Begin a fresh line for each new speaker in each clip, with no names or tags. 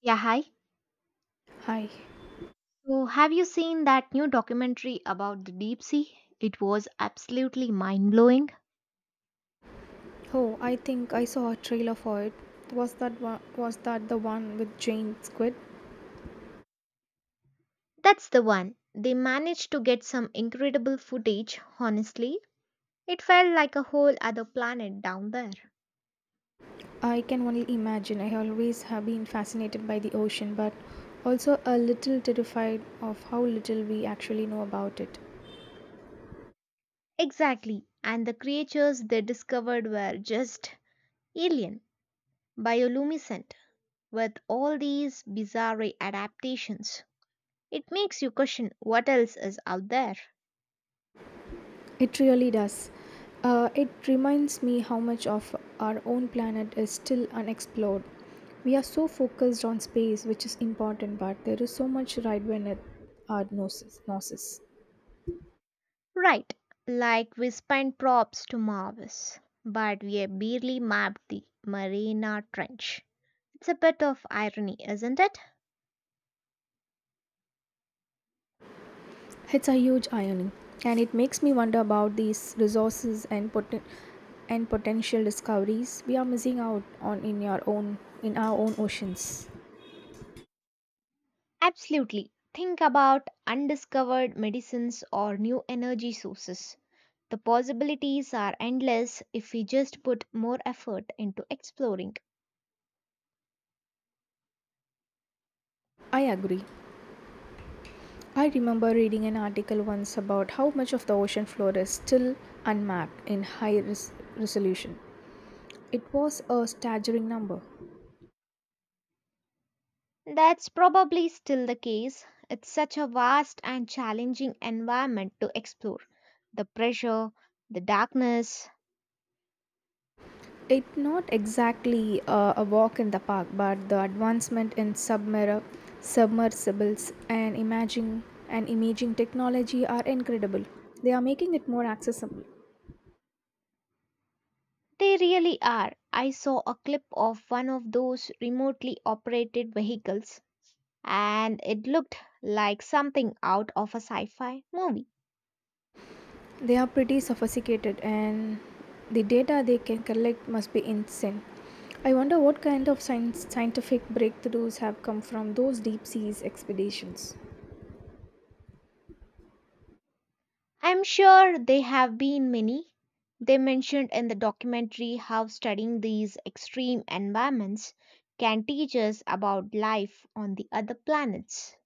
Yeah, hi.
Hi.
So, have you seen that new documentary about the deep sea? It was absolutely mind blowing.
Oh, I think I saw a trailer for it. Was that the one with Jane Squid?
That's the one. They managed to get some incredible footage, honestly. It felt like a whole other planet down there.
I can only imagine. I always have been fascinated by the ocean, but also a little terrified of how little we actually know about it.
Exactly. And the creatures they discovered were just alien, bioluminescent, with all these bizarre adaptations. It makes you question what else is out there.
It really does. It reminds me how much of our own planet is still unexplored. We are so focused on space, which is important, but there is so much right beneath our noses.
Right, like we spent props to Marvis, but we have barely mapped the Marina Trench. It's a bit of irony, isn't it?
It's a huge irony, and it makes me wonder about these resources and and potential discoveries we are missing out on in our own oceans.
Absolutely. Think about undiscovered medicines or new energy sources. The possibilities are endless if we just put more effort into exploring.
I agree. I remember reading an article once about how much of the ocean floor is still unmapped in high resolution. It was a staggering number.
That's probably still the case. It's such a vast and challenging environment to explore. The pressure, the darkness,
It's not exactly a walk in the park, but the advancement in submersibles and imaging technology are incredible. They are making it more accessible.
they really are. I saw a clip of one of those remotely operated vehicles and it looked like something out of a sci fi movie.
They are pretty sophisticated, and the data they can collect must be insane. I wonder what kind of scientific breakthroughs have come from those deep seas expeditions.
I'm sure there have been many. They mentioned in the documentary how studying these extreme environments can teach us about life on the other planets.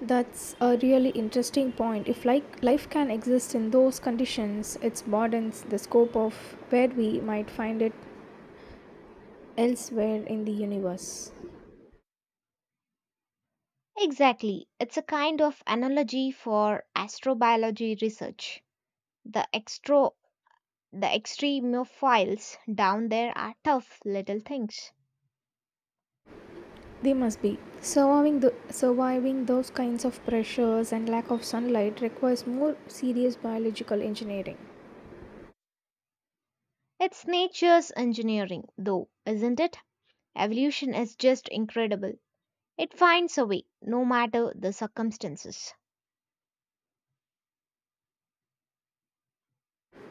That's a really interesting point. If like life can exist in those conditions, it broadens the scope of where we might find it elsewhere in the universe.
Exactly, it's a kind of analogy for astrobiology research. The extra The extremophiles down there are tough little things.
They must be surviving those kinds of pressures and lack of sunlight requires more serious biological engineering.
It's nature's engineering, though, isn't it? Evolution is just incredible. It finds a way, no matter the circumstances.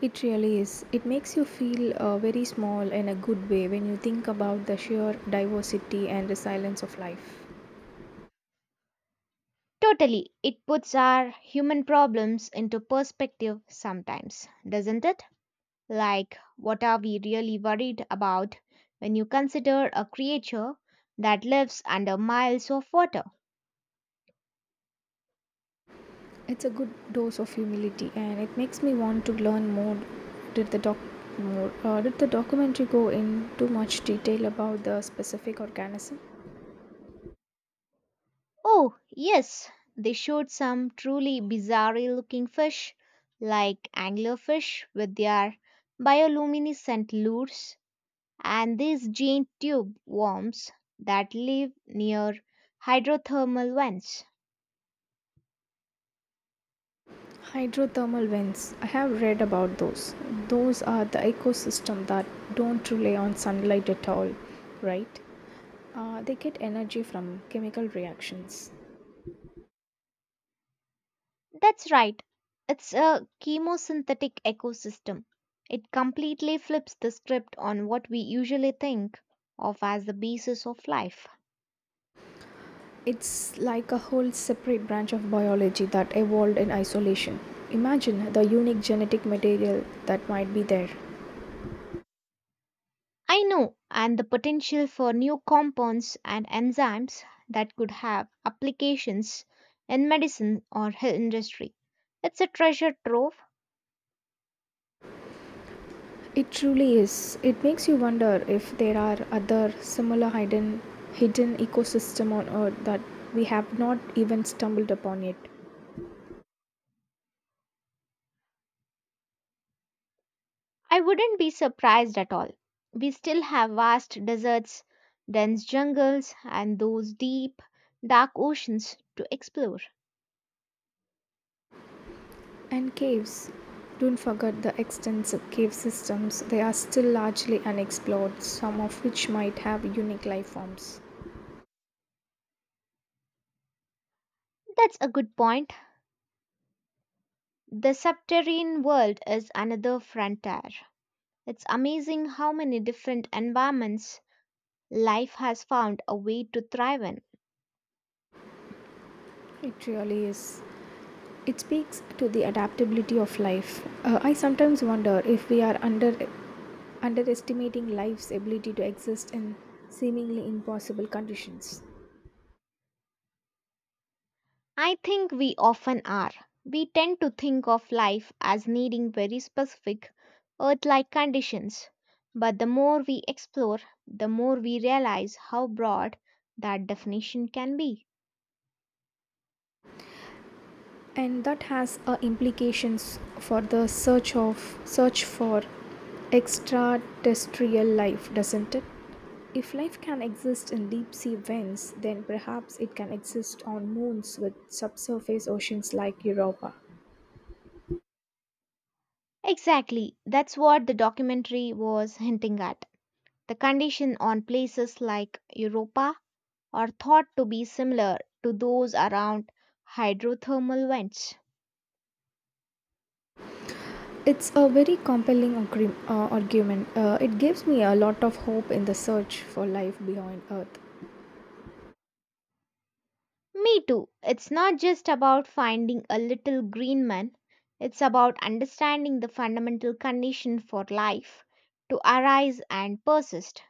It really is. It makes you feel very small in a good way when you think about the sheer diversity and resilience of life.
Totally, it puts our human problems into perspective sometimes, doesn't it? Like, what are we really worried about when you consider a creature that lives under miles of water?
It's a good dose of humility, and it makes me want to learn more. Did the doc more? Did the documentary go into much detail about the specific organism?
Oh, yes, they showed some truly bizarre looking fish, like anglerfish with their bioluminescent lures and these giant tube worms that live near hydrothermal vents.
Hydrothermal vents. I have read about those. Those are the ecosystem that don't rely on sunlight at all, right? They get energy from chemical reactions.
That's right, it's a chemosynthetic ecosystem. It completely flips the script on what we usually think of as the basis of life.
It's like a whole separate branch of biology that evolved in isolation. Imagine the unique genetic material that might be there.
I know, and the potential for new compounds and enzymes that could have applications in medicine or health industry. It's a treasure trove.
It truly is. It makes you wonder if there are other similar hidden ecosystem on earth that we have not even stumbled upon yet.
I wouldn't be surprised at all. We still have vast deserts, dense jungles, and those deep, dark oceans to explore.
And caves. Don't forget the extensive cave systems. They are still largely unexplored, some of which might have unique life forms.
That's a good point. The subterranean world is another frontier. It's amazing how many different environments life has found a way to thrive in.
It really is. It speaks to the adaptability of life. I sometimes wonder if we are underestimating life's ability to exist in seemingly impossible conditions.
I think we often are. We tend to think of life as needing very specific, Earth like conditions. But the more we explore, the more we realize how broad that definition can be.
And that has implications for the search for extraterrestrial life, doesn't it? If life can exist in deep sea vents, then perhaps it can exist on moons with subsurface oceans like Europa.
Exactly, that's what the documentary was hinting at. The condition on places like Europa are thought to be similar to those around hydrothermal vents.
It's a very compelling argument. It gives me a lot of hope in the search for life beyond earth.
Me too. It's not just about finding a little green man, it's about understanding the fundamental condition for life to arise and persist.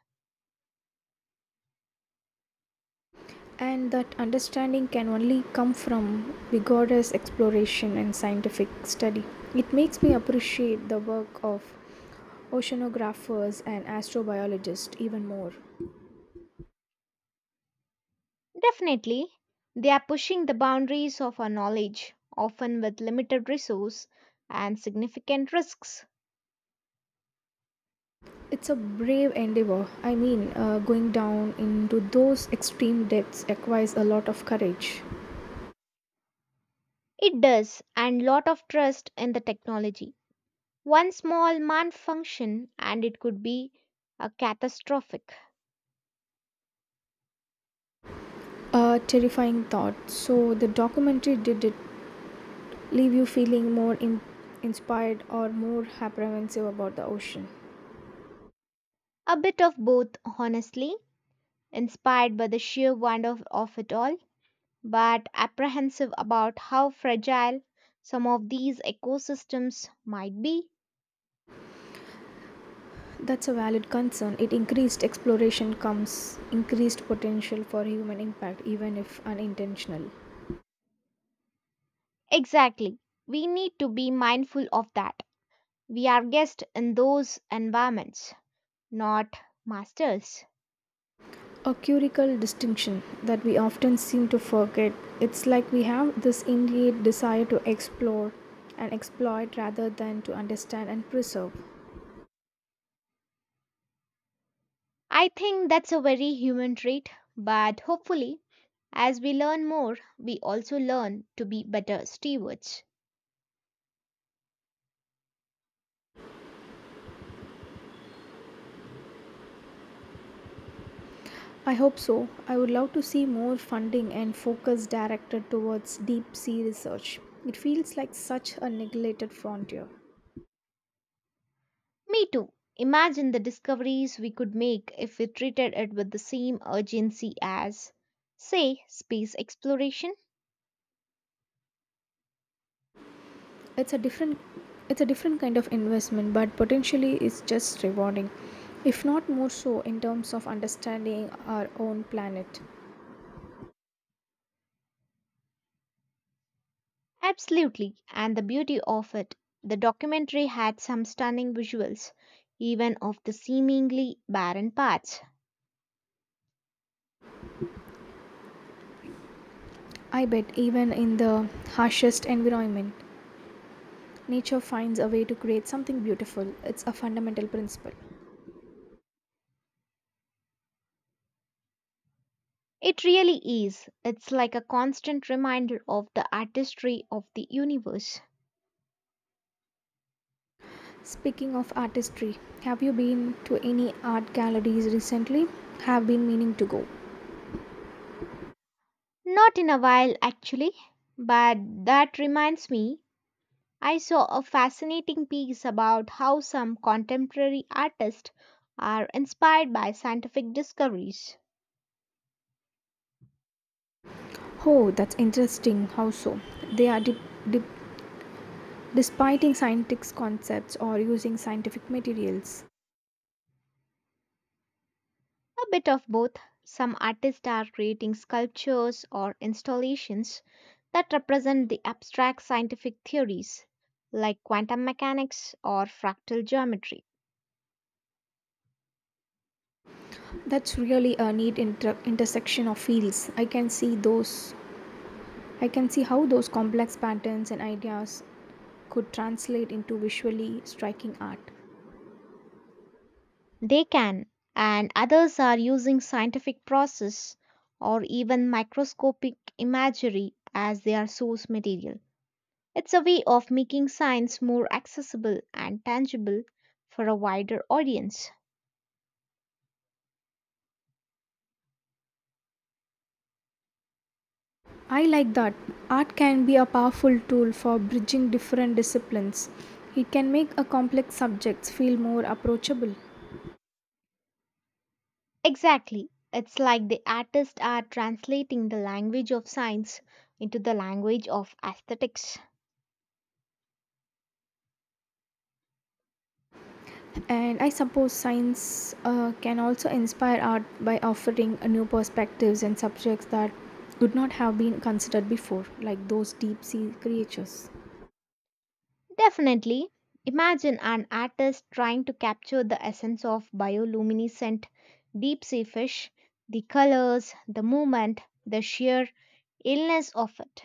And that understanding can only come from vigorous exploration and scientific study. It makes me appreciate the work of oceanographers and astrobiologists even more.
Definitely, they are pushing the boundaries of our knowledge, often with limited resource and significant risks.
It's a brave endeavor. I mean, going down into those extreme depths requires a lot of courage.
It does, and lot of trust in the technology. One small malfunction and it could be a catastrophic.
A terrifying thought. So, the documentary, did it leave you feeling more inspired or more apprehensive about the ocean?
A bit of both, honestly, inspired by the sheer wonder of it all, but apprehensive about how fragile some of these ecosystems might be.
That's a valid concern. It increased exploration comes increased potential for human impact, even if unintentional.
Exactly. We need to be mindful of that. We are guests in those environments, not masters.
A curical distinction that we often seem to forget. It's like we have this innate desire to explore and exploit rather than to understand and preserve.
I think that's a very human trait, but hopefully, as we learn more, we also learn to be better stewards.
I hope so. I would love to see more funding and focus directed towards deep sea research. It feels like such a neglected frontier.
Me too. Imagine the discoveries we could make if we treated it with the same urgency as, say, space exploration.
It's a different kind of investment, but potentially it's just rewarding, if not more so, in terms of understanding our own planet.
Absolutely, and the beauty of it. The documentary had some stunning visuals, even of the seemingly barren parts.
I bet even in the harshest environment, nature finds a way to create something beautiful. It's a fundamental principle.
It really is. It's like a constant reminder of the artistry of the universe.
Speaking of artistry, have you been to any art galleries recently? Have been meaning to go.
Not in a while, actually, but that reminds me. I saw a fascinating piece about how some contemporary artists are inspired by scientific discoveries.
Oh, that's interesting. How so? They are dip, despiting scientific concepts or using scientific materials?
A bit of both. Some artists are creating sculptures or installations that represent the abstract scientific theories, like quantum mechanics or fractal geometry.
That's really a neat intersection of fields. I can see how those complex patterns and ideas could translate into visually striking art.
They can, and others are using scientific process or even microscopic imagery as their source material. It's a way of making science more accessible and tangible for a wider audience.
I like that. Art can be a powerful tool for bridging different disciplines. It can make a complex subjects feel more approachable.
Exactly. It's like the artists are translating the language of science into the language of aesthetics.
And I suppose science can also inspire art by offering a new perspectives and subjects that would not have been considered before, like those deep sea creatures.
Definitely. Imagine an artist trying to capture the essence of bioluminescent deep sea fish, the colors, the movement, the sheer illness of it.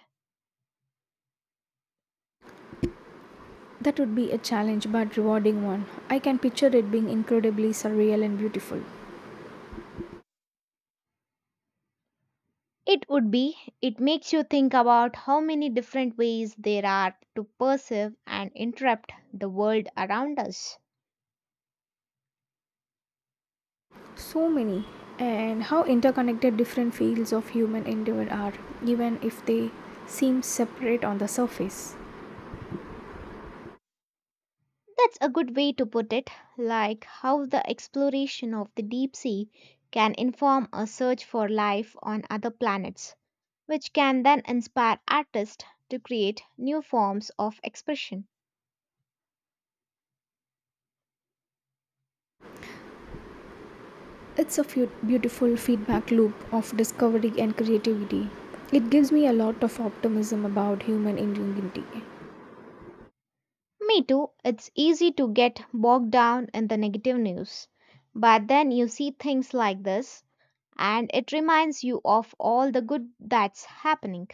That would be a challenge but rewarding one. I can picture it being incredibly surreal and beautiful.
It would be, it makes you think about how many different ways there are to perceive and interrupt the world around us.
So many, and how interconnected different fields of human endeavor are, even if they seem separate on the surface.
That's a good way to put it, like how the exploration of the deep sea can inform a search for life on other planets, which can then inspire artists to create new forms of expression.
It's a few beautiful feedback loop of discovery and creativity. It gives me a lot of optimism about human ingenuity.
Me too, it's easy to get bogged down in the negative news, but then you see things like this, and it reminds you of all the good that's happening.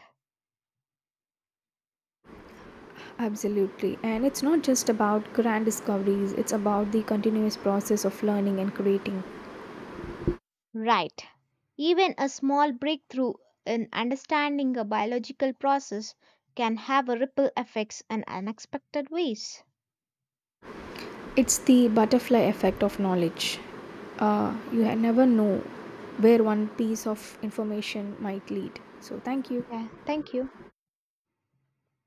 Absolutely, and it's not just about grand discoveries, it's about the continuous process of learning and creating.
Right. Even a small breakthrough in understanding a biological process can have a ripple effects in unexpected ways.
It's the butterfly effect of knowledge. You never know where one piece of information might lead. So, thank you.
Yeah, thank you.